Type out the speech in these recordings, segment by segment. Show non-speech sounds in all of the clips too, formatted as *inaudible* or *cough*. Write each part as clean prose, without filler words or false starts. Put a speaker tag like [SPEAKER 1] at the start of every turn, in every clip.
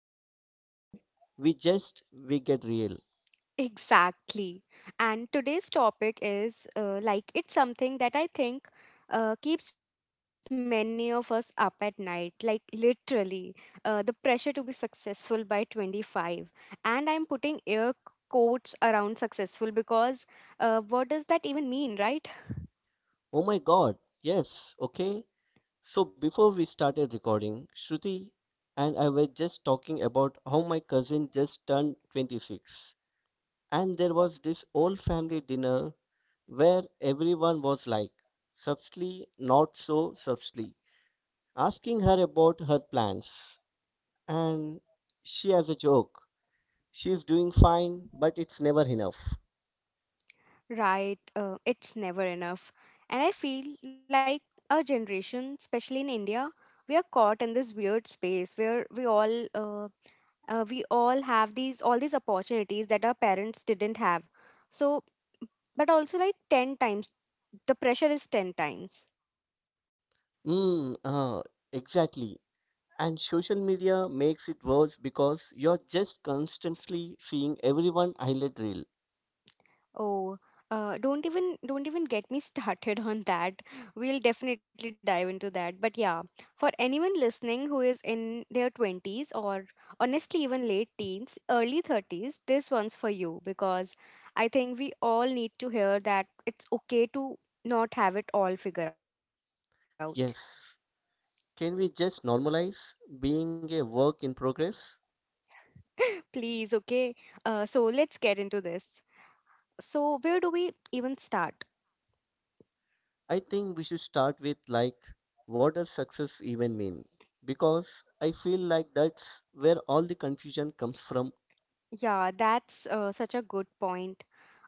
[SPEAKER 1] because, you know, we get real.
[SPEAKER 2] *laughs* Exactly. And today's topic is like it's something that I think keeps many of us up at night, like literally the pressure to be successful by 25. And I'm putting air quotes around successful because what does that even mean, right?
[SPEAKER 1] Oh my god, yes, okay. So before we started recording, Shruti and I were just talking about how my cousin just turned 26. And there was this old family dinner where everyone was like, subtly, not so subtly, asking her about her plans. And she has a joke. She's doing fine, but it's never enough.
[SPEAKER 2] Right, it's never enough. And I feel like our generation, especially in India, we are caught in this weird space where we all have these all these opportunities that our parents didn't have. So, but also like 10 times, the pressure is 10 times.
[SPEAKER 1] Mm, uh, exactly. And social media makes it worse because you're just constantly seeing everyone highlight reel.
[SPEAKER 2] Oh, don't even get me *laughs* started on that. We'll definitely dive into that. But yeah, for anyone listening who is in their 20s, or honestly even late teens, early 30s, this one's for you because I think we all need to hear that it's okay to not have it all figured out.
[SPEAKER 1] Yes. Can we just normalize being a work in progress?
[SPEAKER 2] *laughs* Please, okay? So let's get into this. So where do we even start?
[SPEAKER 1] I think we should start with like, what does success even mean? Because I feel like that's where all the confusion comes from.
[SPEAKER 2] Yeah, that's such a good point.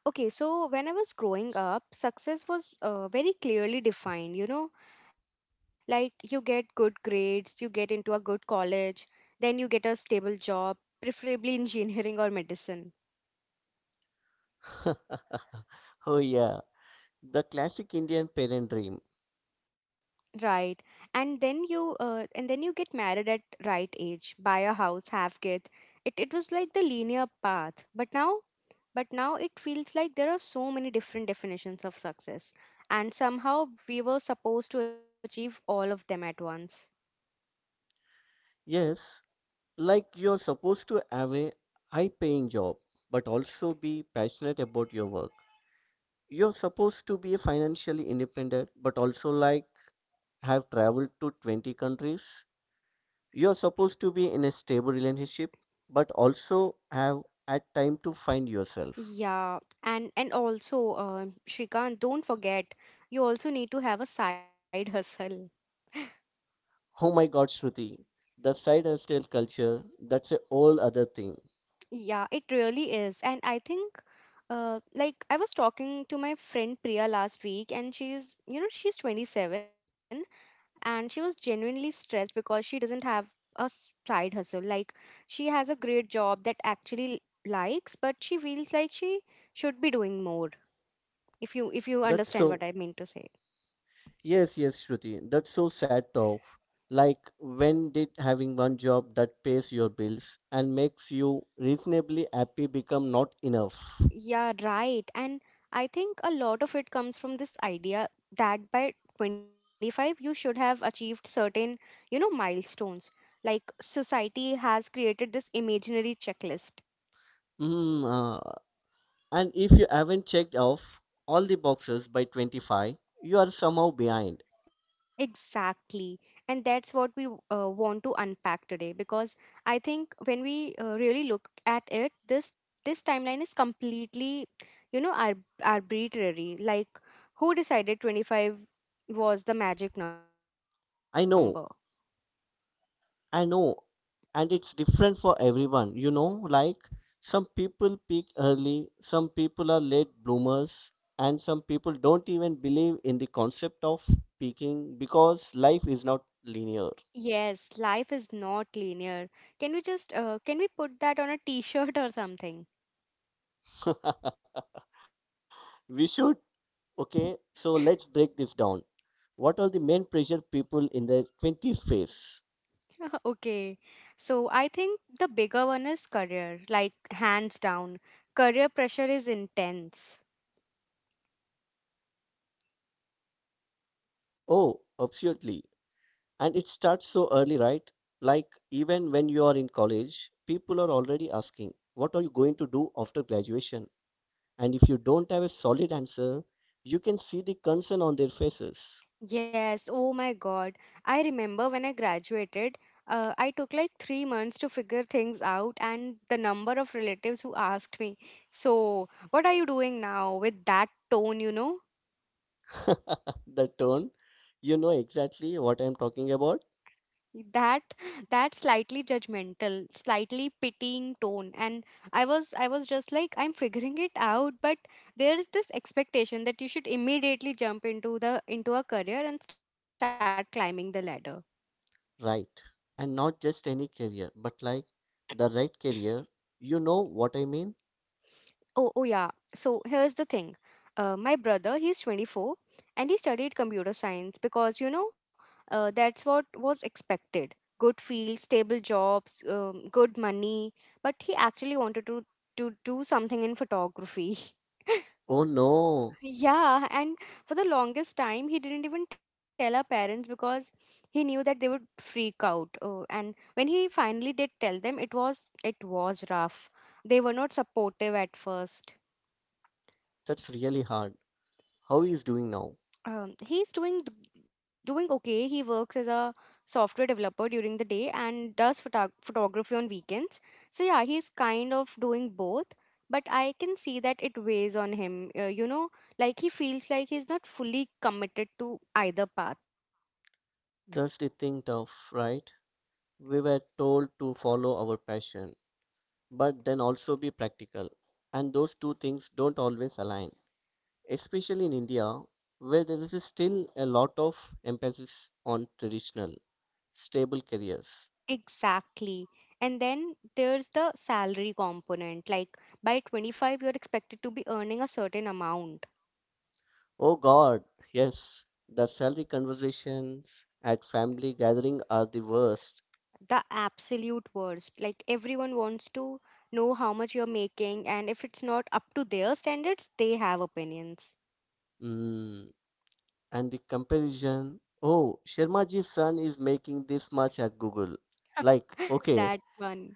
[SPEAKER 2] Okay, so when I was growing up, success was very clearly defined, you know, like you get good grades, you get into a good college, then you get a stable job, preferably *laughs* engineering or medicine,
[SPEAKER 1] *laughs* Oh yeah. The classic Indian parent dream.
[SPEAKER 2] right? And then you get married at right age, buy a house, have kids. It was like the linear path. But now it feels like there are so many different definitions of success, and somehow we were supposed to achieve all of them at once.
[SPEAKER 1] Yes, like you're supposed to have a high paying job, but also be passionate about your work. You're supposed to be financially independent, but also like have traveled to 20 countries. You're supposed to be in a stable relationship, but also have had time to find yourself.
[SPEAKER 2] Yeah, and also, Shrikant, don't forget, you also need to have a side hustle.
[SPEAKER 1] Oh my god, Shruti, the side hustle culture, that's a whole other thing.
[SPEAKER 2] Yeah, it really is, and I think, like I was talking to my friend Priya last week, and she's, you know, she's 27, and she was genuinely stressed because she doesn't have a side hustle. Like she has a great job that actually likes, but she feels like she should be doing more, if you
[SPEAKER 1] That's
[SPEAKER 2] understand
[SPEAKER 1] so
[SPEAKER 2] what I mean to say.
[SPEAKER 1] Yes, yes, Shruti. That's so sad though. Like when did having one job that pays your bills and makes you reasonably happy become not enough?
[SPEAKER 2] Yeah, right. And I think a lot of it comes from this idea that by 25 you should have achieved certain, you know, milestones. Like society has created this imaginary checklist.
[SPEAKER 1] Mm, uh, and if you haven't checked off all the boxes by 25, you are somehow behind.
[SPEAKER 2] Exactly. And that's what we want to unpack today because I think when we really look at it, this timeline is completely, you know, arbitrary. Like who decided 25 was the magic number?
[SPEAKER 1] I know I know, and it's different for everyone, you know, like some people peak early, some people are late bloomers, and some people don't even believe in the concept of peaking because life is not linear.
[SPEAKER 2] Yes, life is not linear. Can we just can we put that on a t-shirt or something?
[SPEAKER 1] *laughs* We should. Okay, so
[SPEAKER 2] *laughs*
[SPEAKER 1] let's break this down. What are the main pressure people in their 20s
[SPEAKER 2] *laughs*
[SPEAKER 1] face?
[SPEAKER 2] Okay. So I think the bigger one is career, like hands down. Career pressure is intense.
[SPEAKER 1] Oh, absolutely. And it starts so early, right? Like, even when you are in college, people are already asking, "What are you going to do after graduation?" And if you don't have a solid answer, you can see the concern on their faces.
[SPEAKER 2] Yes, oh my God. I remember when I graduated, I took like 3 months to figure things out, and the number of relatives who asked me, so, what are you doing now, with that tone, you know?
[SPEAKER 1] *laughs* The tone, you know exactly what I'm talking about,
[SPEAKER 2] that that slightly judgmental, slightly pitying tone. And I was just like, I'm figuring it out. But there is this expectation that you should immediately jump into a career and start climbing the ladder.
[SPEAKER 1] right? And not just any career, but like the right career. You know what I mean?
[SPEAKER 2] Oh, oh yeah. So here's the thing. My brother, he's 24, and he studied computer science because, you know, that's what was expected. Good field, stable jobs, good money. But he actually wanted to do something in photography. *laughs*
[SPEAKER 1] Oh no,
[SPEAKER 2] Yeah, and for the longest time, he didn't even tell our parents because he knew that they would freak out. And when he finally did tell them, it was rough. They were not supportive at first.
[SPEAKER 1] that's really hard. How he is doing now?
[SPEAKER 2] He's doing okay. He works as a software developer during the day and does photography on weekends. So yeah, he's kind of doing both. But I can see that it weighs on him. You know, like he feels like he's not fully committed to either path.
[SPEAKER 1] That's the thing tough, right? We were told to follow our passion, but then also be practical. And those two things don't always align, especially in India, where there is still a lot of emphasis on traditional, stable careers.
[SPEAKER 2] Exactly. And then there's the salary component. Like by 25, you're expected to be earning a certain amount.
[SPEAKER 1] Oh God, yes, the salary conversations at family gathering are the worst.
[SPEAKER 2] The absolute worst. Like everyone wants to know how much you're making, and if it's not up to their standards, they have opinions.
[SPEAKER 1] Mm, and the comparison, oh, Sharmaji's son is making this much at Google. Like,
[SPEAKER 2] *laughs* That
[SPEAKER 1] okay,
[SPEAKER 2] one.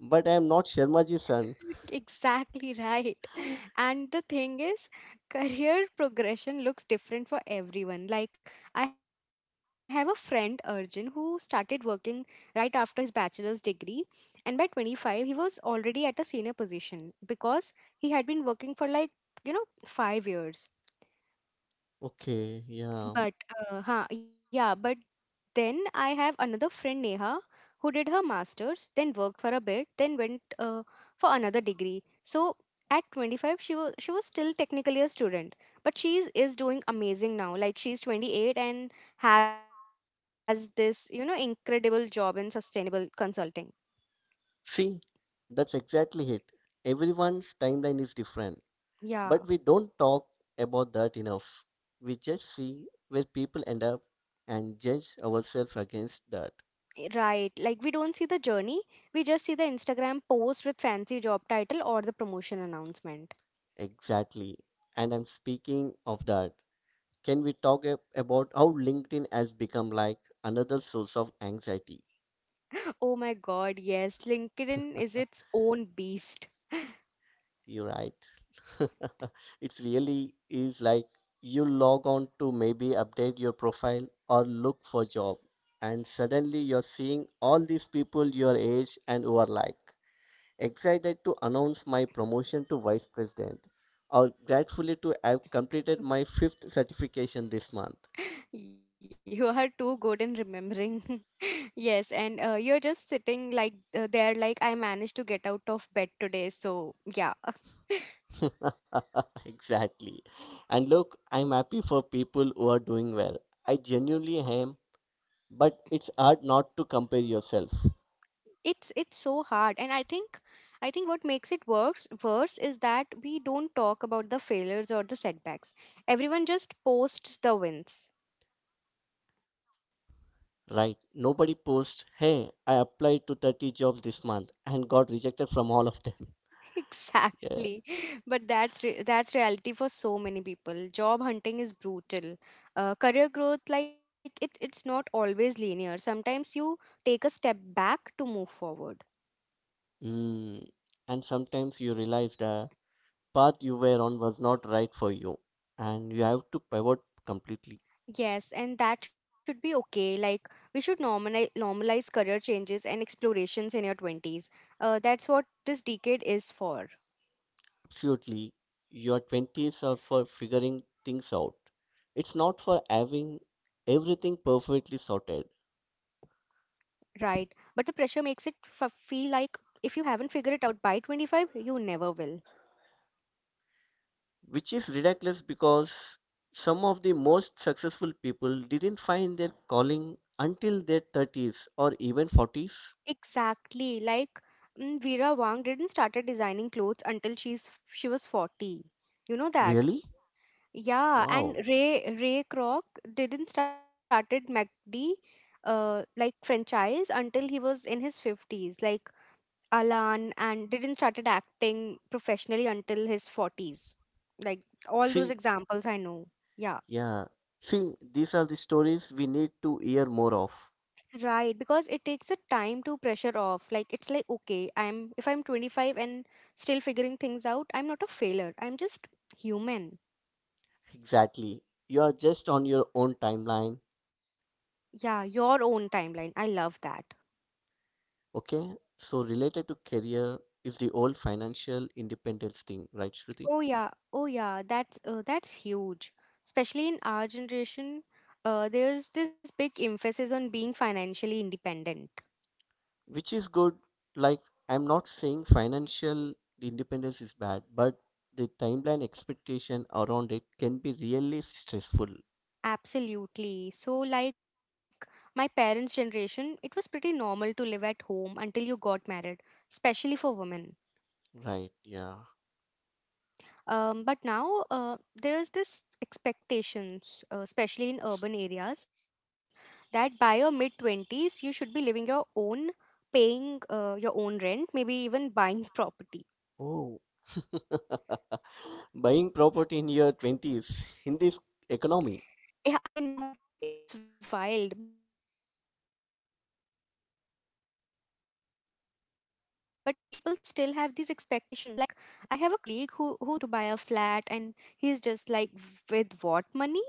[SPEAKER 1] but I am not Sharmaji's son.
[SPEAKER 2] Exactly right. And the thing is, career progression looks different for everyone. Like, I have a friend, Arjun, who started working right after his bachelor's degree, and by 25, he was already at a senior position because he had been working for like, you know, 5 years.
[SPEAKER 1] Okay,
[SPEAKER 2] But
[SPEAKER 1] yeah.
[SPEAKER 2] yeah, but then I have another friend Neha who did her masters, then worked for a bit, then went for another degree. So at 25 she was still technically a student, but she is doing amazing now. Like she's 28 and has this, you know, incredible job in sustainable consulting.
[SPEAKER 1] See, that's exactly it. Everyone's timeline is different,
[SPEAKER 2] Yeah,
[SPEAKER 1] but we don't talk about that enough. We just see where people end up and judge ourselves against that.
[SPEAKER 2] right. Like we don't see the journey, we just see the Instagram post with fancy job title or the promotion announcement.
[SPEAKER 1] Exactly. And I'm speaking of that. Can we talk about how LinkedIn has become like another source of anxiety?
[SPEAKER 2] Oh my God, yes. LinkedIn is its own beast.
[SPEAKER 1] You're right. *laughs* It's really is like you log on to maybe update your profile or look for job, and suddenly you're seeing all these people your age and who are like excited to announce my promotion to vice president, or gratefully to have completed my fifth certification this month.
[SPEAKER 2] *laughs* You are too good in remembering. *laughs* Yes, and you're just sitting like there, like, I managed to get out of bed today. So yeah,
[SPEAKER 1] *laughs* Exactly. And look, I'm happy for people who are doing well. I genuinely am, but it's hard not to compare yourself.
[SPEAKER 2] it's so hard, and I think what makes it worse is that we don't talk about the failures or the setbacks. Everyone just posts the wins.
[SPEAKER 1] Right. Nobody posts, hey, I applied to 30 jobs this month and got rejected from all of them. *laughs* Yeah.
[SPEAKER 2] Exactly. *laughs* But that's reality for so many people. Job hunting is brutal. Career growth, like it's not always linear. Sometimes you take a step back to move forward.
[SPEAKER 1] Mm. And sometimes you realize the path you were on was not right for you and you have to pivot completely.
[SPEAKER 2] Yes, and that should be okay. Like we should normalize career changes and explorations in your 20s. That's what this decade is for,
[SPEAKER 1] Absolutely. Your 20s are for figuring things out. It's not for having everything perfectly sorted.
[SPEAKER 2] right? But the pressure makes it feel like if you haven't figured it out by 25, you never will.
[SPEAKER 1] Which is ridiculous because some of the most successful people didn't find their calling until their 30s or even 40s.
[SPEAKER 2] Exactly. Like Vera Wang didn't started designing clothes until she was 40. You know that?
[SPEAKER 1] Really?
[SPEAKER 2] Yeah, and
[SPEAKER 1] Wow.
[SPEAKER 2] Ray Kroc didn't started McD like franchise until he was in his 50s. Like Alan and didn't started acting professionally until his 40s. Like all those
[SPEAKER 1] See,
[SPEAKER 2] examples I know. Yeah.
[SPEAKER 1] yeah. See, these are the stories we need to hear more of.
[SPEAKER 2] Right, because it takes a time to pressure off. Like it's like, okay, I'm if I'm 25 and still figuring things out, I'm not a failure. I'm just human.
[SPEAKER 1] Exactly. You are just on your own timeline.
[SPEAKER 2] Yeah, your own timeline. I love that.
[SPEAKER 1] Okay? So, related to career is the old financial independence thing, right, Shruti?
[SPEAKER 2] Oh yeah, oh yeah, that's huge. Especially in our generation, there's this big emphasis on being financially independent.
[SPEAKER 1] Which is good. Like, I'm not saying financial independence is bad, but the timeline expectation around it can be really stressful.
[SPEAKER 2] Absolutely. So like my parents' generation, it was pretty normal to live at home until you got married, especially for women.
[SPEAKER 1] Right, yeah.
[SPEAKER 2] But now there's this expectations, especially in urban areas, that by your mid twenties you should be living your own, paying your own rent, maybe even buying *laughs* property.
[SPEAKER 1] Oh. *laughs* Buying property in your 20s in this economy?
[SPEAKER 2] Yeah, I know, right? It's wild, but people still have these expectations. Like, I have a colleague who's 26 and his parents keep asking when he's going to buy a flat, and he's just like, with what money?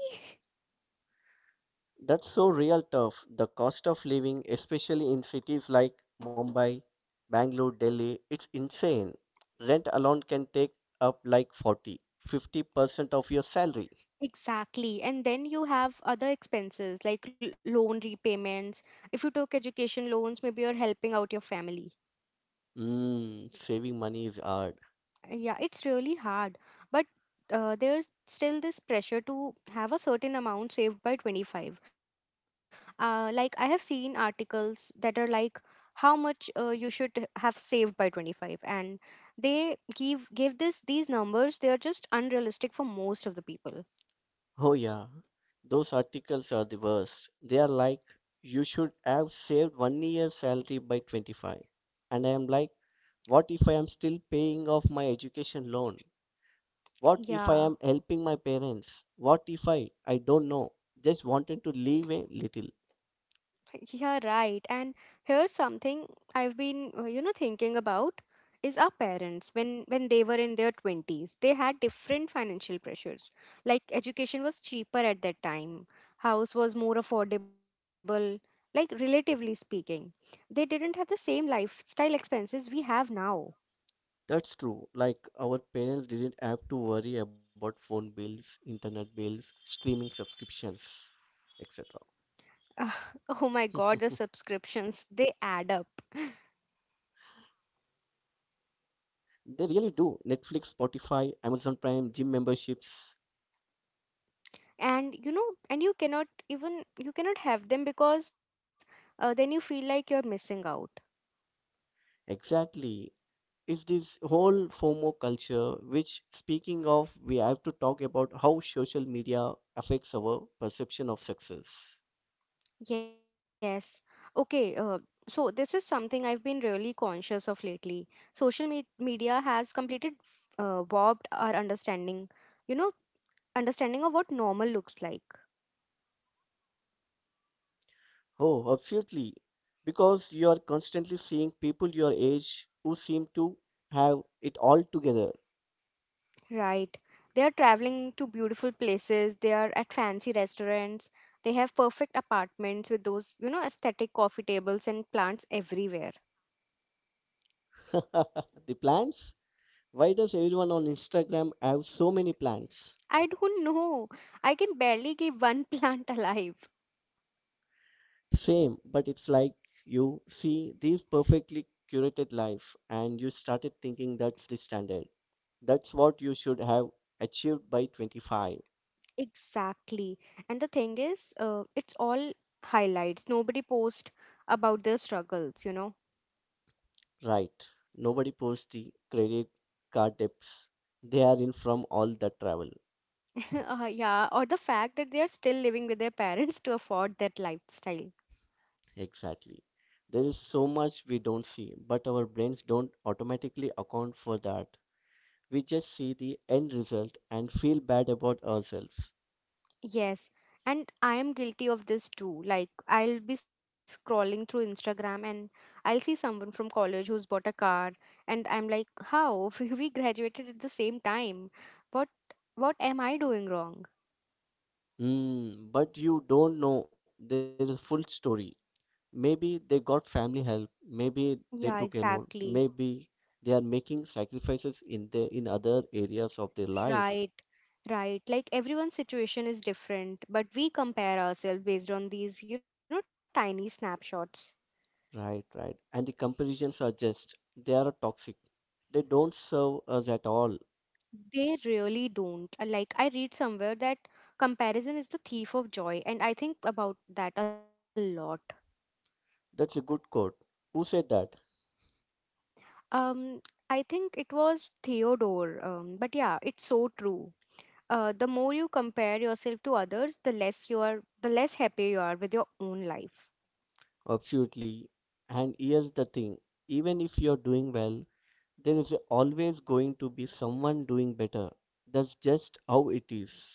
[SPEAKER 1] That's so real tough. The cost of living, especially in cities like Mumbai, Bangalore, Delhi, it's insane. Rent alone can take up like 40-50% of your salary.
[SPEAKER 2] Exactly. And then you have other expenses like loan repayments. If you took education loans, maybe you're helping out your family.
[SPEAKER 1] Mm, saving money is hard.
[SPEAKER 2] Yeah, it's really hard. But there's still this pressure to have a certain amount saved by 25. Like, I have seen articles that are like how much you should have saved by 25. And give this these numbers, they are just unrealistic for most of the people.
[SPEAKER 1] Oh, yeah. Those articles are the worst. They are like, you should have saved 1 year's salary by 25. And I am like, what if I am still paying off my education loan? What
[SPEAKER 2] Yeah.
[SPEAKER 1] if I am helping my parents? What if I don't know, just wanted to leave a little?
[SPEAKER 2] Yeah, right. And here's something I've been, you know, thinking about is our parents, when they were in their 20s, they had different financial pressures. Like education was cheaper at that time, house was more affordable, like relatively speaking. They didn't have the same lifestyle expenses we have now.
[SPEAKER 1] That's true. Like, our parents didn't have to worry about phone bills, internet bills, streaming subscriptions, etc.
[SPEAKER 2] Ah, *laughs* oh my God, the
[SPEAKER 1] *laughs*
[SPEAKER 2] subscriptions, they add up.
[SPEAKER 1] They really do. Netflix, Spotify, Amazon Prime, gym memberships.
[SPEAKER 2] And you know, and you cannot have them because then you feel like you're missing out.
[SPEAKER 1] Exactly. It's this whole FOMO culture, which, speaking of, we have to talk about how social media affects our perception of success.
[SPEAKER 2] Yes. Okay. So this is something I've been really conscious of lately. Social media has completed warped our understanding, you know, understanding of what normal looks like,
[SPEAKER 1] Oh, absolutely. Because you are constantly seeing people your age who seem to have it all together.
[SPEAKER 2] right? They are traveling to beautiful places, they are at fancy restaurants, they have perfect apartments with those, you know, aesthetic coffee tables and plants everywhere.
[SPEAKER 1] *laughs* The plans? Why does everyone on Instagram have so many plans?
[SPEAKER 2] I don't *laughs* know. I can barely keep one *laughs* plant alive.
[SPEAKER 1] Same, but it's like you see these perfectly curated life and you started thinking that's the standard. That's what you should have achieved by 25.
[SPEAKER 2] Exactly. And the thing is, it's all highlights. Nobody posts about their struggles, you know?
[SPEAKER 1] Right. Nobody posts the credit card debts they are in from all the travel.
[SPEAKER 2] *laughs* Yeah, or the fact that they are still living with their parents *laughs* to afford that lifestyle.
[SPEAKER 1] Exactly. There is so much we don't see, but our brains don't automatically account for that. We just see the end result and feel bad about ourselves.
[SPEAKER 2] Yes. And I am guilty of this too. Like, I'll be scrolling through Instagram and I'll see someone from college who's bought a car, and I'm like, how? *laughs* We graduated at the same time. What, what am I doing wrong?
[SPEAKER 1] Mm, but you don't know the full story. Maybe they got family help, maybe they took
[SPEAKER 2] Yeah,
[SPEAKER 1] a loan,
[SPEAKER 2] exactly.
[SPEAKER 1] maybe they are making sacrifices in the in other areas of their life.
[SPEAKER 2] Right, right. Like everyone's situation is different, but we compare ourselves based on these, tiny snapshots.
[SPEAKER 1] Right. And the comparisons are just they are toxic. They don't serve us at all.
[SPEAKER 2] They really don't. Like I read somewhere that comparison is the thief of joy, and I think about that a lot.
[SPEAKER 1] That's a good quote. Who said that?
[SPEAKER 2] Um, I think it was Theodore. But yeah, it's so true. The more you compare yourself to others, the less you are, the less happy you are with your own life.
[SPEAKER 1] Absolutely. And here's the thing, even if you're doing well, there is always going to be someone doing better. That's just how it is.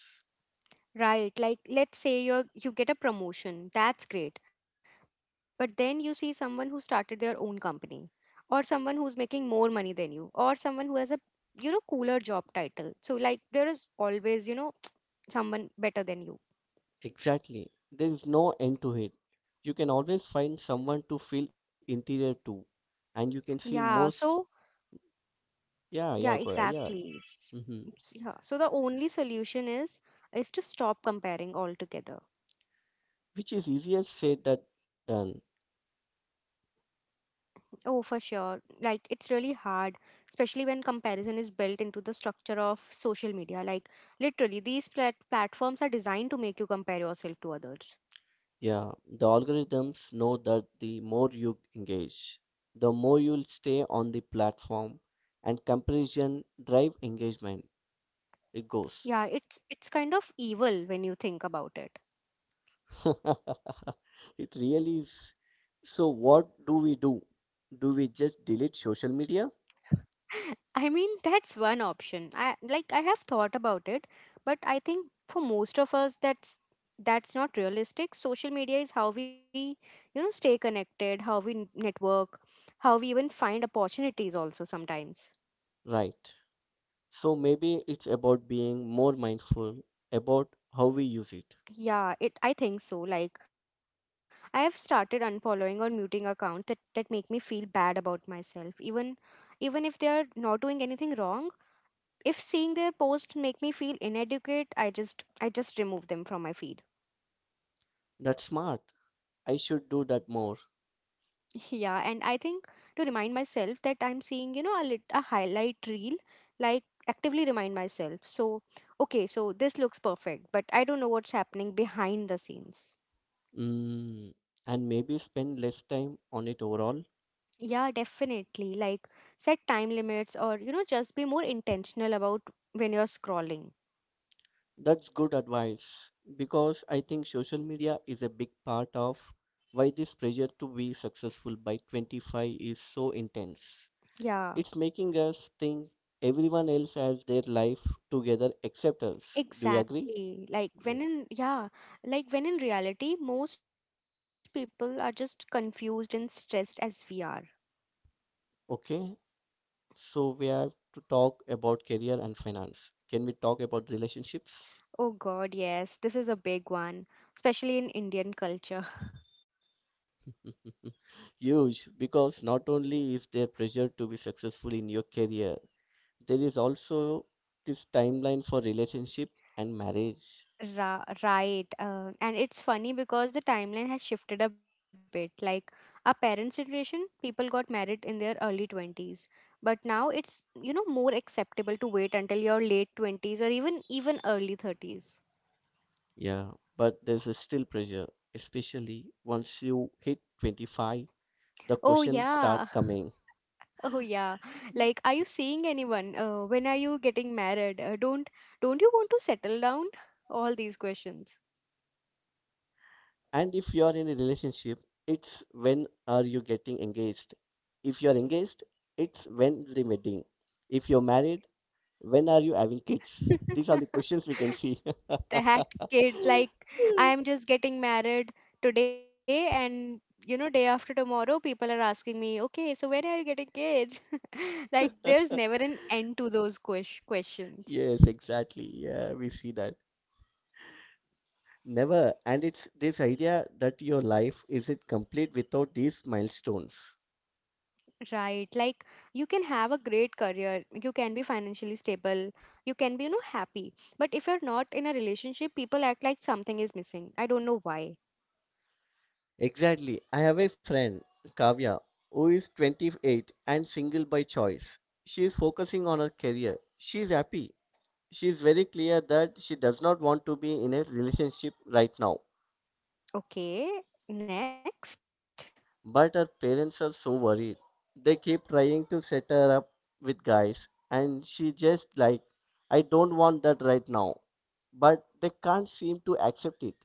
[SPEAKER 2] Right, like let's say you get a promotion. That's great. But then you see someone who started their own company or someone who's making more money than you or someone who has a, cooler job title. So like there is always, *tsk* someone better than you.
[SPEAKER 1] Exactly. There is no end to it. You can always find someone to feel interior to, and you can see
[SPEAKER 2] Yeah,
[SPEAKER 1] most.
[SPEAKER 2] so yeah,
[SPEAKER 1] Yeah.
[SPEAKER 2] exactly.
[SPEAKER 1] Hmm.
[SPEAKER 2] Yeah. So the only solution is to stop comparing altogether.
[SPEAKER 1] Which is easier said than done.
[SPEAKER 2] Oh, for sure. Like, it's really hard, especially when comparison is built into the structure of social media. Like, literally, these platforms are designed to make you compare yourself to others.
[SPEAKER 1] Yeah, the algorithms know that the more you engage, the more you'll stay on the platform, and comparison drive engagement. It goes.
[SPEAKER 2] Yeah, it's kind of evil when you think about it.
[SPEAKER 1] *laughs* It really is. So, what do we do? Do we just delete social media?
[SPEAKER 2] *laughs* I mean, that's one option. I have thought about it, but I think for most of us that's not realistic. Social media is how we, stay connected, how we network, how we even find opportunities also sometimes.
[SPEAKER 1] Right. So maybe it's about being more mindful about how we use it.
[SPEAKER 2] Yeah, it I think so. Like I have started unfollowing or muting accounts that make me feel bad about myself. Even if they are not doing anything wrong, if seeing their posts make me feel inadequate, I just remove them from my feed.
[SPEAKER 1] That's smart. I should do that more.
[SPEAKER 2] *laughs* Yeah, and I think to remind myself that I'm seeing, you know, a highlight reel, like actively remind myself. So, okay, so this looks perfect, but I don't know what's happening behind the scenes.
[SPEAKER 1] Mm, and maybe spend less time on it overall.
[SPEAKER 2] Yeah, definitely. Like set time limits or, just be more intentional about when you're scrolling.
[SPEAKER 1] That's good advice because I think social media is a big part of why this pressure to be successful by 25 is so intense.
[SPEAKER 2] Yeah,
[SPEAKER 1] It's making us think everyone else has their life together except us. Do you agree? Yeah.
[SPEAKER 2] exactly. Like when in reality, most people are just confused and stressed as we are.
[SPEAKER 1] Okay, so we have to talk about career and finance. Can we talk about relationships?
[SPEAKER 2] Oh God, yes, this is a big one, especially in Indian culture.
[SPEAKER 1] *laughs* Huge, because not only is there pressure to be successful in your career, there is also this timeline for relationship and marriage.
[SPEAKER 2] Right. And it's funny because the timeline has shifted a bit. Like our parents' generation, people got married in their early 20s. But now it's, more acceptable to wait until your late 20s or even early 30s.
[SPEAKER 1] Yeah, but there's a still pressure, especially once you hit 25, the
[SPEAKER 2] Oh
[SPEAKER 1] questions
[SPEAKER 2] yeah.
[SPEAKER 1] start
[SPEAKER 2] *laughs*
[SPEAKER 1] coming.
[SPEAKER 2] Oh yeah. Like are you seeing anyone? When are you getting married? Don't you want to settle down? All these questions.
[SPEAKER 1] And if you are in a relationship, it's when are you getting engaged. If you are engaged, it's when the wedding. If you're married, when are you having kids? These are
[SPEAKER 2] *laughs*
[SPEAKER 1] the questions we can see.
[SPEAKER 2] That
[SPEAKER 1] *laughs*
[SPEAKER 2] kids, like, I am just getting married today, and you know, day after tomorrow, people are asking me, okay, so when are you getting kids? *laughs* Like, there's never an end to those questions.
[SPEAKER 1] Yes, exactly. Yeah, we see that. Never. And it's this idea that your life isn't complete without these milestones.
[SPEAKER 2] Right. Like you can have a great career, you can be financially stable, you can be, happy. But if you're not in a relationship, people act like something is missing. I don't know why.
[SPEAKER 1] Exactly. I have a friend, Kavya, who is 28 and single by choice. She is focusing on her career. She is happy. She is very clear that she does not want to be in a relationship right now.
[SPEAKER 2] Okay, next.
[SPEAKER 1] But her parents are so worried. They keep trying to set her up with guys, and she just like, I don't want that right now. But they can't seem to accept it.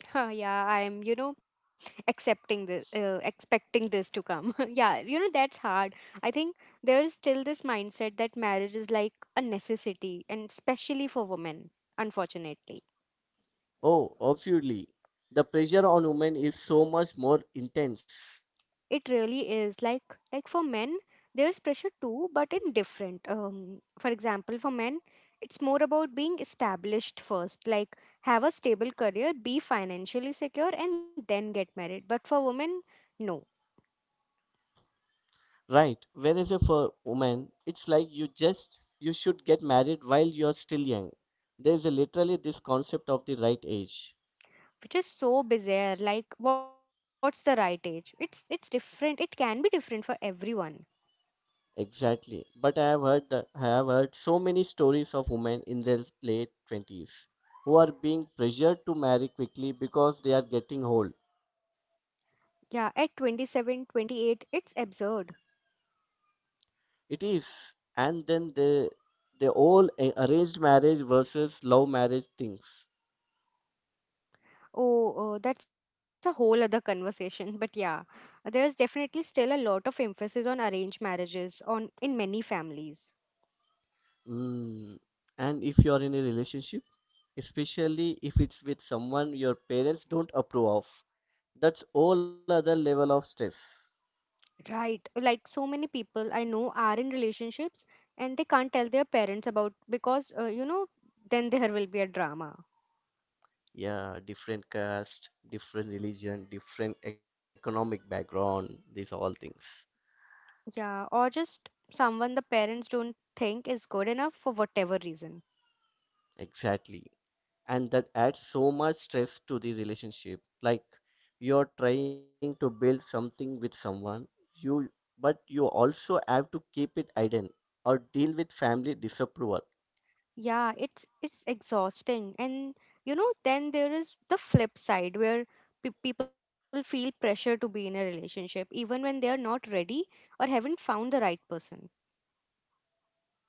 [SPEAKER 2] Huh, yeah, I'm expecting this to come. *laughs* Yeah, that's hard. I think there is still this mindset that marriage is like a necessity, and especially for women, unfortunately.
[SPEAKER 1] Oh, absolutely. The pressure on women is so much more intense.
[SPEAKER 2] It really is. Like for men, there's pressure too, but in different. For example, for men, it's more about being established first, like have a stable career, be financially secure, and then get married. But for women, no,
[SPEAKER 1] Right. Whereas if for women, it's like you just you should get married while you're still young. There is a, literally this concept of the right age.
[SPEAKER 2] which is so bizarre. Like what's the right age? It's different. It can be different for everyone.
[SPEAKER 1] Exactly. But I have heard the, I have heard so many stories of women in their late 20s who are being pressured to marry quickly because they are getting old.
[SPEAKER 2] Yeah, at 27, 28, it's absurd.
[SPEAKER 1] It is. And then they all arranged marriage versus love marriage things.
[SPEAKER 2] Oh, oh, that's a whole other conversation. *laughs* But yeah, there's definitely still a lot of emphasis on arranged marriages on in many families.
[SPEAKER 1] Mm. And if you are in a relationship, especially if it's with someone your parents don't approve of, that's all other level of stress.
[SPEAKER 2] Right, like so many people I know are in relationships, and they can't tell their parents about because you know, then there will be a drama.
[SPEAKER 1] Yeah, different caste, different religion, different economic background, these all things.
[SPEAKER 2] Yeah, or just someone the parents don't think is good enough for whatever reason.
[SPEAKER 1] Exactly. And that adds so much stress to the relationship. Like you're trying to build something with someone, you but you also have to keep it hidden or deal with family disapproval.
[SPEAKER 2] Yeah, it's exhausting. And you know, then there is the flip side where people feel pressure to be in a relationship even when they are not ready or haven't found the right person.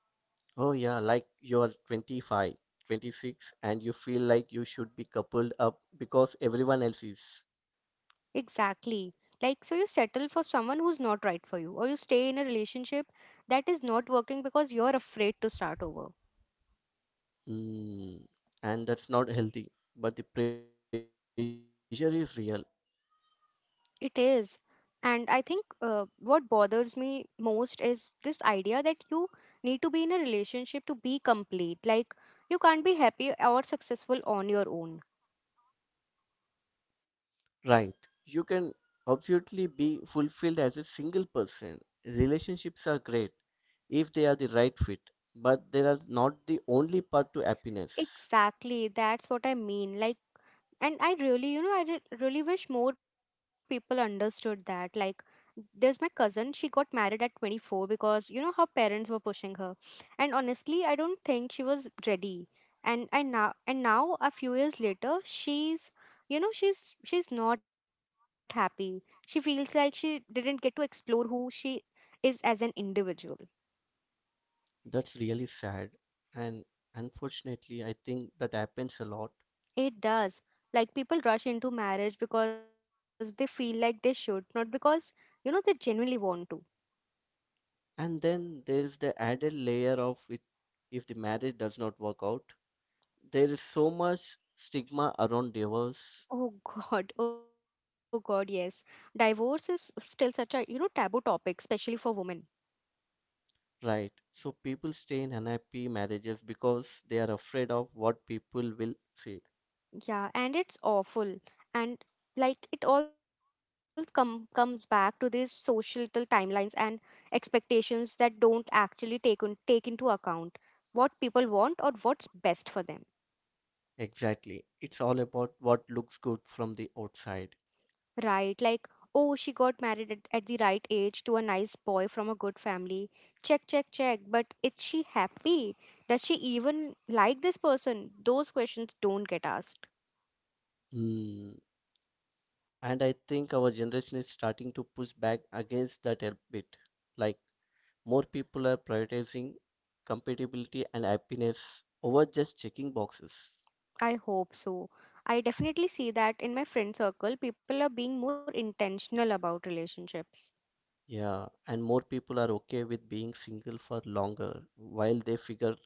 [SPEAKER 1] Oh yeah, like you're 25, 26 and you feel like you should be coupled up because everyone else is.
[SPEAKER 2] Exactly. Like, so you settle for someone who's not right for you, or you stay in a relationship that is not working because you're afraid to start over.
[SPEAKER 1] Mm, and that's not healthy, but the pressure is real,
[SPEAKER 2] It is. And I think what bothers me most is this idea that you need to be in a relationship to be complete. Like, you can't be happy or successful on your own.
[SPEAKER 1] right? You can absolutely be fulfilled as a single person. Relationships are great if they are the right fit, but they are not the only path to happiness.
[SPEAKER 2] Exactly. That's what I mean. Like, and I really really wish more people understood that. Like, there's my cousin, she got married at 24 because you know her parents were pushing her, and honestly I don't think she was ready. And I now and now a few years later, she's, you know, she's not happy. She feels like she didn't get to explore who she is as an individual.
[SPEAKER 1] That's really sad, and unfortunately, I think that happens a lot.
[SPEAKER 2] It does. Like people rush into marriage because they feel like they should, not because you know they genuinely want to.
[SPEAKER 1] And then there's the added layer of it if the marriage does not work out. There is so much stigma around divorce.
[SPEAKER 2] Oh God, yes. Divorce is still such a, you know, taboo topic, especially for women.
[SPEAKER 1] Right. So people stay in unhappy marriages because they are afraid of what people will say.
[SPEAKER 2] Yeah, and it's awful. And like it all comes back to these societal timelines and expectations that don't actually take into account what people want or what's best for them.
[SPEAKER 1] Exactly. It's all about what looks good from the outside.
[SPEAKER 2] Right, like, oh, she got married at the right age to a nice boy from a good family. Check, check, check. But is she happy? Does she even like this person? Those questions don't get asked.
[SPEAKER 1] Hmm. And I think our generation is starting to push back against that a bit. Like more people are prioritizing compatibility and happiness over just checking boxes.
[SPEAKER 2] I hope so. I definitely see that in my friend circle, people are being more intentional about relationships.
[SPEAKER 1] Yeah, and more people are okay with being single for longer while they figure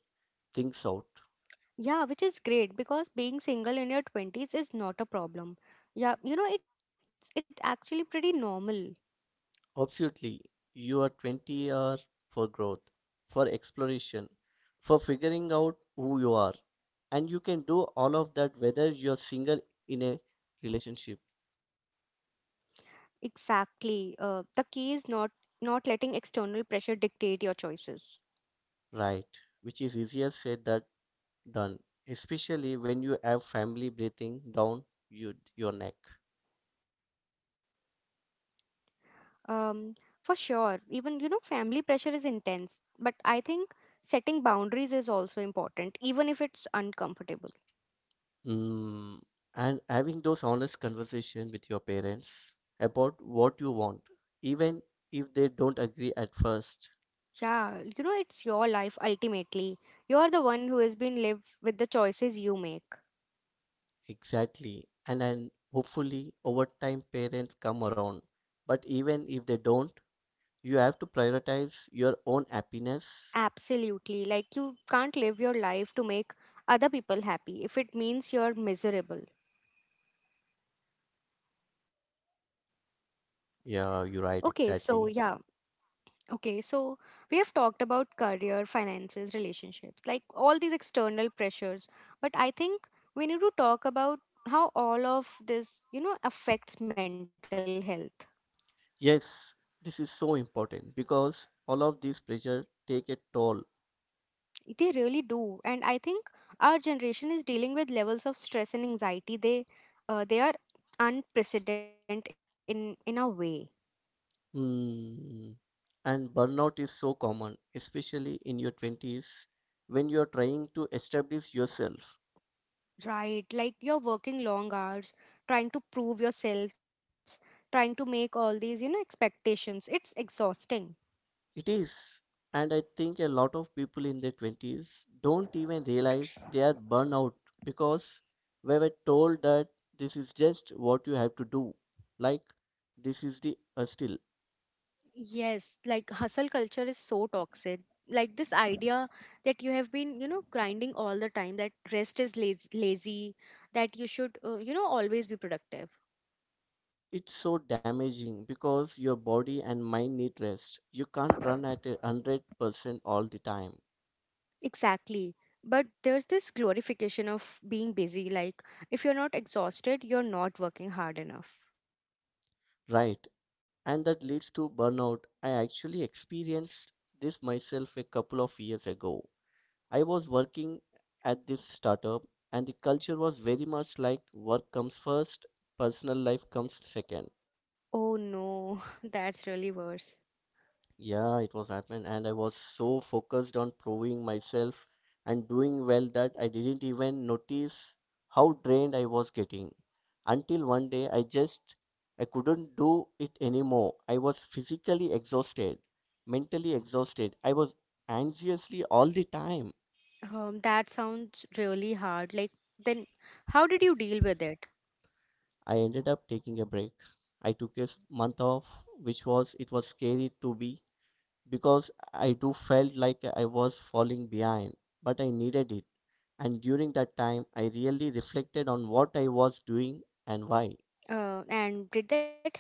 [SPEAKER 1] things out.
[SPEAKER 2] Yeah, which is great because being single in your 20s is not a problem. Yeah, you know, it's actually pretty normal.
[SPEAKER 1] Absolutely. You are 20 hours for growth, for exploration, for figuring out who you are. And you can do all of that whether you're single in a relationship,
[SPEAKER 2] Exactly. The key is not letting external pressure dictate your choices.
[SPEAKER 1] right? Which is easier said than done, especially when you have family breathing down you, your neck.
[SPEAKER 2] Um, for sure. Even you know, family pressure is intense, but I think setting boundaries is also important, even if it's uncomfortable.
[SPEAKER 1] Mm, and having those honest conversations with your parents about what you want, even if they don't agree at first.
[SPEAKER 2] Yeah, you know, it's your life ultimately. You're the one who has been lived with the choices you make.
[SPEAKER 1] Exactly. And then hopefully over time parents come around. But even if they don't, you have to prioritize your own happiness.
[SPEAKER 2] Absolutely. Like you can't live your life to make other people happy if it means you're miserable. Okay,
[SPEAKER 1] Yeah, you're
[SPEAKER 2] so
[SPEAKER 1] right,
[SPEAKER 2] yeah.
[SPEAKER 1] exactly.
[SPEAKER 2] Okay, so we have talked about career, finances, relationships, like all these external pressures. But I think we need to talk about how all of this, you know, affects mental health.
[SPEAKER 1] Yes, this is so important because all of this pressure take a toll.
[SPEAKER 2] They really do. And I think our generation is dealing with levels of stress and anxiety. They are unprecedented in a way,
[SPEAKER 1] Hmm. And burnout is so common, especially in your 20s when you're trying to establish yourself.
[SPEAKER 2] right? Like you're working long hours, trying to prove yourselves, trying to make all these, you know, expectations. It's exhausting.
[SPEAKER 1] It is. And I think a lot of people in their 20s don't even realize they are burnout because we were told that this is just what you have to do. Like, this is the still.
[SPEAKER 2] Yes, like hustle culture is so toxic. Like this idea that you have been, you know, grinding all the time, that rest is lazy, that you should, you know, always be productive.
[SPEAKER 1] It's so damaging because your body and mind need rest. You can't run at a 100% all the time,
[SPEAKER 2] Exactly. But there's this glorification of being busy. Like if you're not exhausted, you're not working hard enough.
[SPEAKER 1] right? And that leads to burnout. I actually experienced this myself a couple of years ago. I was working at this startup, and the culture was very much like work comes first, personal life comes second.
[SPEAKER 2] Oh no, *laughs* that's really worse.
[SPEAKER 1] Yeah, it was happened, and I was so focused on proving myself and doing well that I didn't even notice how drained I was getting. Until one day, I couldn't do it anymore. I was physically exhausted, mentally exhausted. I was anxiously all the time.
[SPEAKER 2] That sounds really hard. Like then, how did you deal with it?
[SPEAKER 1] I ended up taking a break. I took a month off, which was it was scary to be because I do felt like I was falling behind, but I needed it. And during that time, I really reflected on what I was doing and why.
[SPEAKER 2] And did that help?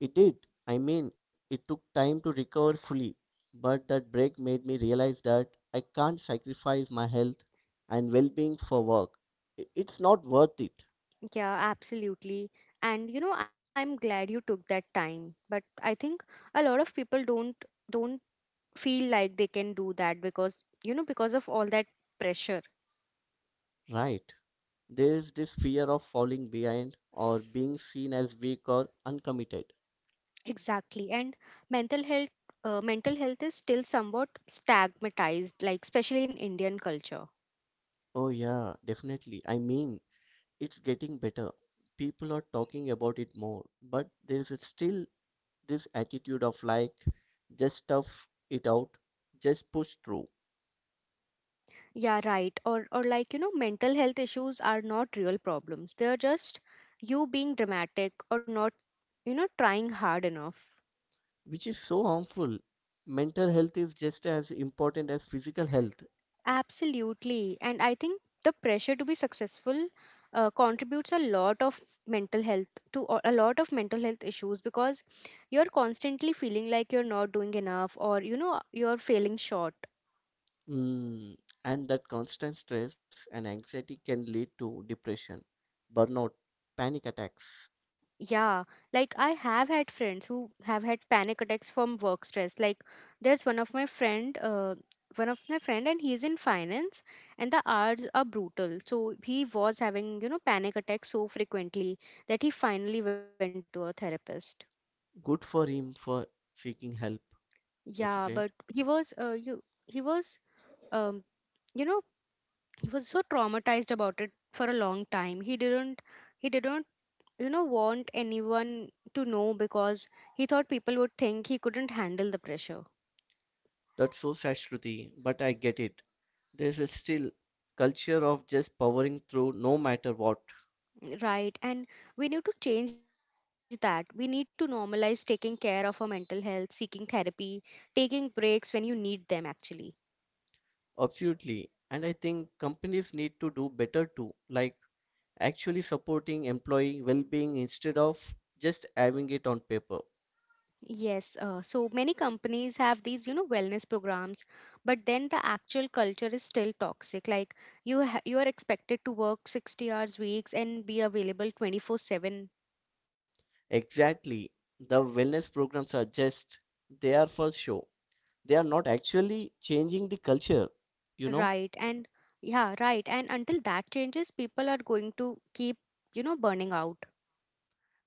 [SPEAKER 1] It did. I mean, it took time to recover fully, but that break made me realize that I can't sacrifice my health and well-being for work. It's not worth it,
[SPEAKER 2] Yeah, absolutely. And you know, I'm glad you took that time. But I think a lot of people don't feel like they can do that because you know, because of all that pressure.
[SPEAKER 1] right? There is this fear of falling behind or being seen as weak or uncommitted.
[SPEAKER 2] Exactly. And mental health mental health is still somewhat stigmatized, like especially in Indian culture.
[SPEAKER 1] Oh, yeah, definitely. I mean, it's getting better. People are talking about it more, but there's still this attitude of like, just stuff it out, just push through,
[SPEAKER 2] Yeah, right. Or like, you know, mental health issues are not real problems. They're just you being dramatic or not, you know, trying hard enough.
[SPEAKER 1] which is so harmful. Mental health is just as important as physical health.
[SPEAKER 2] Absolutely. And I think the pressure to be successful contributes a lot of mental health to a lot of mental health issues because you're constantly feeling like you're not doing enough or you know you're failing short.
[SPEAKER 1] Mm, and that constant stress and anxiety can lead to depression, burnout, panic attacks.
[SPEAKER 2] Yeah, like I have had friends who have had panic attacks from work stress. Like there's one of my friend and he's in finance and the hours are brutal. So he was having, you know, panic attacks so frequently that he finally went to a therapist.
[SPEAKER 1] Good for him for seeking help.
[SPEAKER 2] Yeah,
[SPEAKER 1] That's
[SPEAKER 2] but
[SPEAKER 1] great.
[SPEAKER 2] he was um you know he was so traumatized about it for a long time. He didn't you know want anyone to know because he thought people would think he couldn't handle the pressure,
[SPEAKER 1] That's so sad, Shruti, but I get it. There's a still culture of just powering through no matter what.
[SPEAKER 2] right? And we need to change that. We need to normalize taking care of our mental health, seeking therapy, taking breaks when you need them actually.
[SPEAKER 1] Absolutely. And I think companies need to do better too, like actually supporting employee well-being instead of just having it on paper.
[SPEAKER 2] Yes, so many companies have these, you know, wellness programs, but then the actual culture is still toxic. Like you are expected to work 60 hours weeks and be available 24/7,
[SPEAKER 1] Exactly. The wellness programs are just they are for show. They are not actually changing the culture, you know?
[SPEAKER 2] right? And yeah, right. And until that changes, people are going to keep, burning out.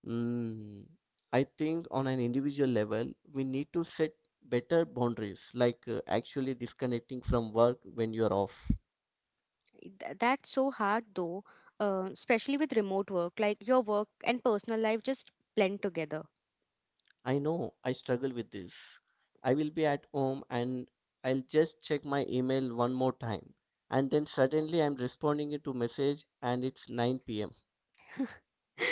[SPEAKER 1] Mm, I think on an individual level, we need to set better boundaries, like actually disconnecting from work when you're off.
[SPEAKER 2] That's so hard though, especially with remote work. Like your work and personal life just blend together.
[SPEAKER 1] I know I struggle with this. I will be at home and I'll just check my email one more time. And then suddenly I'm responding to message and it's 9 p.m.
[SPEAKER 2] *laughs*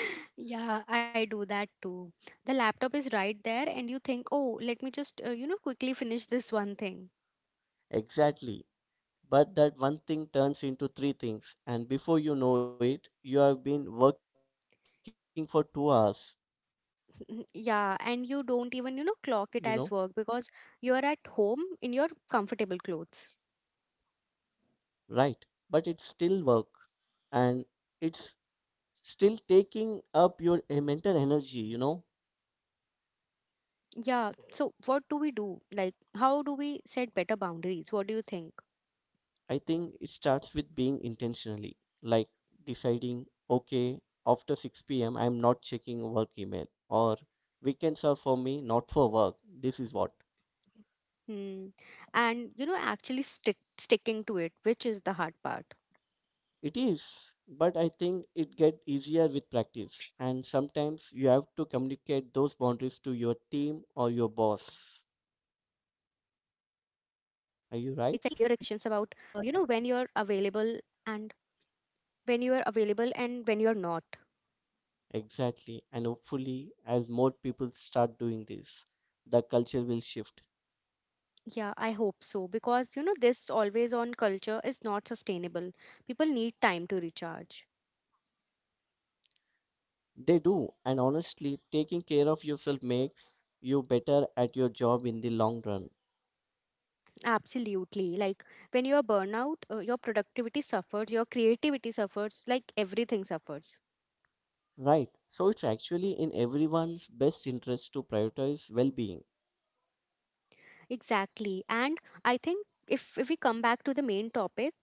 [SPEAKER 2] Yeah, I do that too. The laptop is right there, and you think, oh, let me just, quickly finish this one thing.
[SPEAKER 1] Exactly. But that one thing turns into three things, and before you know it, you have been working for two hours,
[SPEAKER 2] *laughs* Yeah, and you don't
[SPEAKER 1] you
[SPEAKER 2] even,
[SPEAKER 1] know,
[SPEAKER 2] clock it as work because you're at home in your comfortable clothes.
[SPEAKER 1] right? But it's still work and it's still taking up your mental energy, you know?
[SPEAKER 2] Yeah, so what do we do? Like, how do we set better boundaries? What do you think?
[SPEAKER 1] I think it starts with being intentionally, like deciding okay, after 6 p.m. I'm not checking work email, or weekends are for me, not for work. This is what
[SPEAKER 2] Hmm. And, you know, actually sticking to it, which is the hard part.
[SPEAKER 1] it is, but I think it gets easier with practice, and sometimes you have to communicate those boundaries to your team or your boss.
[SPEAKER 2] Yeah, like setting clear expectations
[SPEAKER 1] Are you
[SPEAKER 2] about,
[SPEAKER 1] right?
[SPEAKER 2] you know, when you're and available and when you're not.
[SPEAKER 1] Exactly. And hopefully, as more people start doing this, the culture will shift.
[SPEAKER 2] Yeah, I hope so because, you know, this always on culture is not sustainable. People need time to recharge.
[SPEAKER 1] They do. And honestly, taking care of yourself makes you better at your job in the long run.
[SPEAKER 2] Absolutely. Like when you're burnout, your productivity suffers, your creativity suffers, like everything suffers.
[SPEAKER 1] Right. So it's actually in everyone's best interest to prioritize well being.
[SPEAKER 2] Exactly. And I think if we come back to the main topic,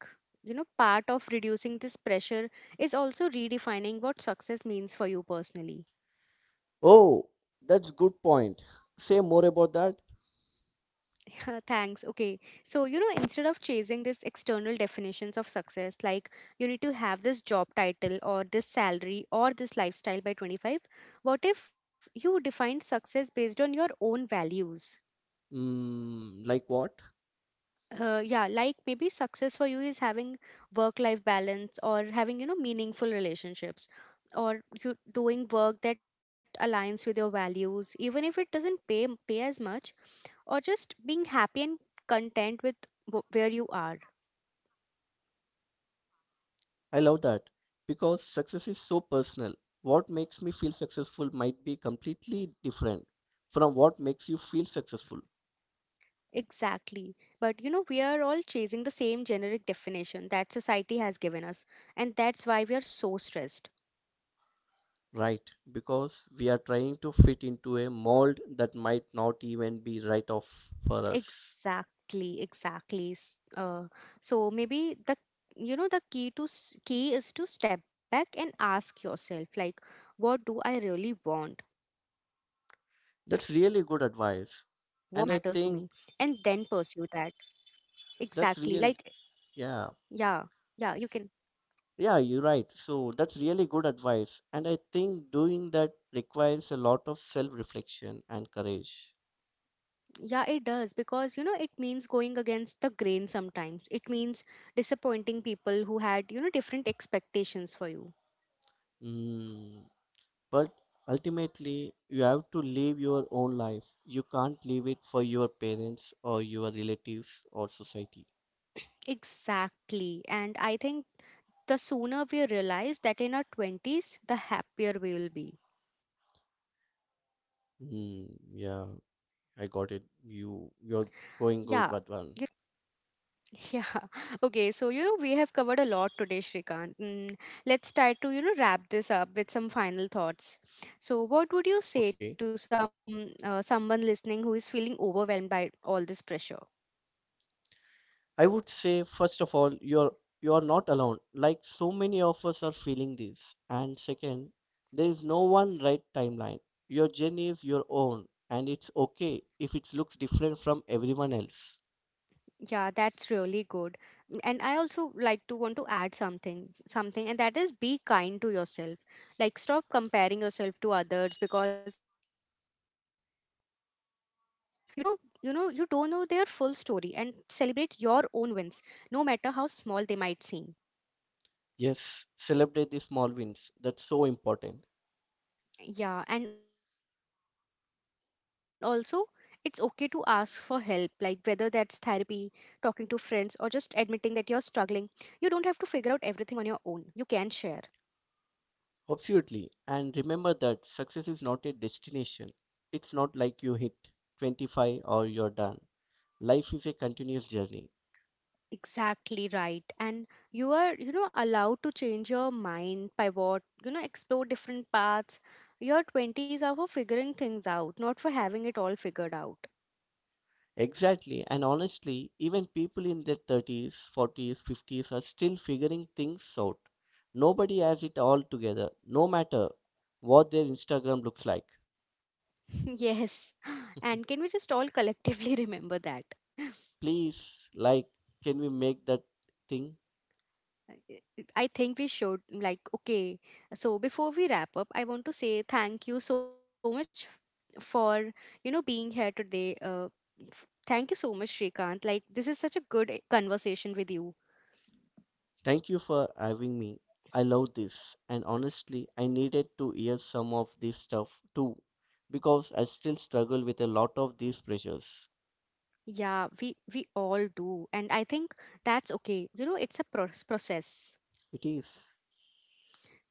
[SPEAKER 2] you know, part of reducing this pressure is also redefining what success means for you personally. *laughs*
[SPEAKER 1] Oh, that's good point. Say more about that.
[SPEAKER 2] Yeah, thanks. Okay. So, you know, instead of chasing these external definitions of success, like you need to have this job title or this salary or this lifestyle by 25, what if you define success based on your own values?
[SPEAKER 1] Mm, like what?
[SPEAKER 2] Yeah, like maybe success for you is having work life balance or having, you know, meaningful relationships or you doing work that aligns with your values even if it doesn't pay as much, or just being happy and content with where you are,
[SPEAKER 1] I love that because success is so personal. What makes me feel successful might be completely different from what makes you feel successful,
[SPEAKER 2] exactly. But you know, we are all chasing the same generic definition that society has given us, and that's why we are so stressed.
[SPEAKER 1] right? Because we are trying to fit into a mold that might not even be right off for us.
[SPEAKER 2] Exactly, exactly. So maybe the, you know, the key to s- key is to step back and ask yourself, like, what do I really want? What matters to me?
[SPEAKER 1] That's
[SPEAKER 2] And then
[SPEAKER 1] really good
[SPEAKER 2] pursue that.
[SPEAKER 1] advice. And I think
[SPEAKER 2] Exactly. Like yeah.
[SPEAKER 1] that's
[SPEAKER 2] Yeah,
[SPEAKER 1] real.
[SPEAKER 2] you can.
[SPEAKER 1] Yeah. Yeah, you're right. So that's really good advice. And I think doing that requires a lot of self reflection and courage.
[SPEAKER 2] Yeah, it does because, you know, it means going against the grain sometimes. It means disappointing people who had, you know, different expectations for you.
[SPEAKER 1] Mm. But ultimately, you have to live your own life. You can't live it for your parents or your relatives or society.
[SPEAKER 2] Exactly. And I think the sooner we realize that in our 20s, the happier we will be. Yeah.
[SPEAKER 1] Hmm, yeah,
[SPEAKER 2] Okay.
[SPEAKER 1] I
[SPEAKER 2] So,
[SPEAKER 1] got it.
[SPEAKER 2] you know,
[SPEAKER 1] You're going good, but one.
[SPEAKER 2] *laughs* yeah. Okay. So, you know, we have covered a lot today, Shrikant. Mm, let's try to, you know, wrap this up with some final thoughts. So, what would you
[SPEAKER 1] Okay.
[SPEAKER 2] say to some someone listening who is feeling overwhelmed by all this pressure?
[SPEAKER 1] I would say first of all, you're not alone. Like so many of us are feeling this. And second, there is no one right timeline. Your journey is your own, and it's okay if it looks different from everyone else.
[SPEAKER 2] Yeah, that's really good. And I also like to want to add something, and that is be kind to yourself. Like stop comparing yourself to others because you know, you don't know their full story, and celebrate your own wins, no matter how small they might seem.
[SPEAKER 1] Yes, celebrate the small wins. That's so important.
[SPEAKER 2] Yeah, and also it's okay to ask for help, like whether that's therapy, talking to friends, or just admitting that you're struggling. You don't have to figure out everything on your own. You can share.
[SPEAKER 1] Absolutely. And remember that success is not a destination. It's not like you hit 25 or you're done. Life is a continuous journey.
[SPEAKER 2] Exactly, right. And you are, you know, allowed to change your mind, pivot, you know, explore different paths. Your 20s are for figuring things out, not for having it all figured out.
[SPEAKER 1] Exactly. And honestly, even people in their 30s, 40s, 50s are still figuring things out. Nobody has it all together, no matter what their Instagram looks like.
[SPEAKER 2] *laughs* Yes. And can we
[SPEAKER 1] *laughs*
[SPEAKER 2] just all collectively *laughs* remember that?
[SPEAKER 1] Please, like, can we make that thing?
[SPEAKER 2] I I think we should. Like, okay. So before we wrap up, I want to say thank you so much for, you know, being here today. Thank you so much, Shrikant. Like, this is such a good conversation with you.
[SPEAKER 1] Thank you for having me. I love this, and honestly, I needed to hear some of this stuff too, because I still struggle with a lot of these pressures.
[SPEAKER 2] Yeah, we all do. And I think that's okay. You know, it's a process.
[SPEAKER 1] It is.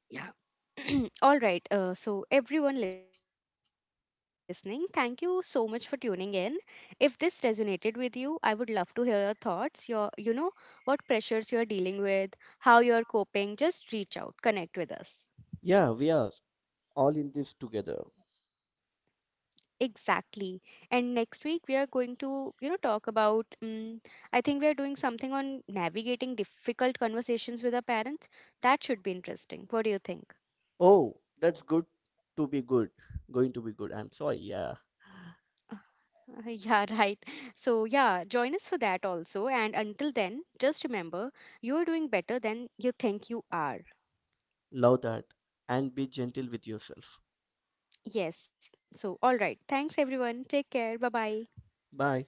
[SPEAKER 2] Yeah. *clears throat* All right. So everyone listening, thank you so much for tuning in. If this resonated with you, I would love to hear your thoughts, your, what pressures you're dealing with, how you're coping. Just reach out, connect with us.
[SPEAKER 1] Yeah, we are all in this together.
[SPEAKER 2] Exactly. And next week we are going to, you know, talk about. I think we are doing something on navigating difficult conversations with our parents. That should be interesting. What do you think?
[SPEAKER 1] Oh, that's good to be good. Going to be good. I'm sorry. Yeah,
[SPEAKER 2] Uh, *laughs* Yeah, right. So, yeah, join us for that also. And until then, just remember you're doing better than you think you are.
[SPEAKER 1] love that. And be gentle with yourself.
[SPEAKER 2] Yes. So, all right. Thanks, everyone. Take care. Bye bye.
[SPEAKER 1] Bye.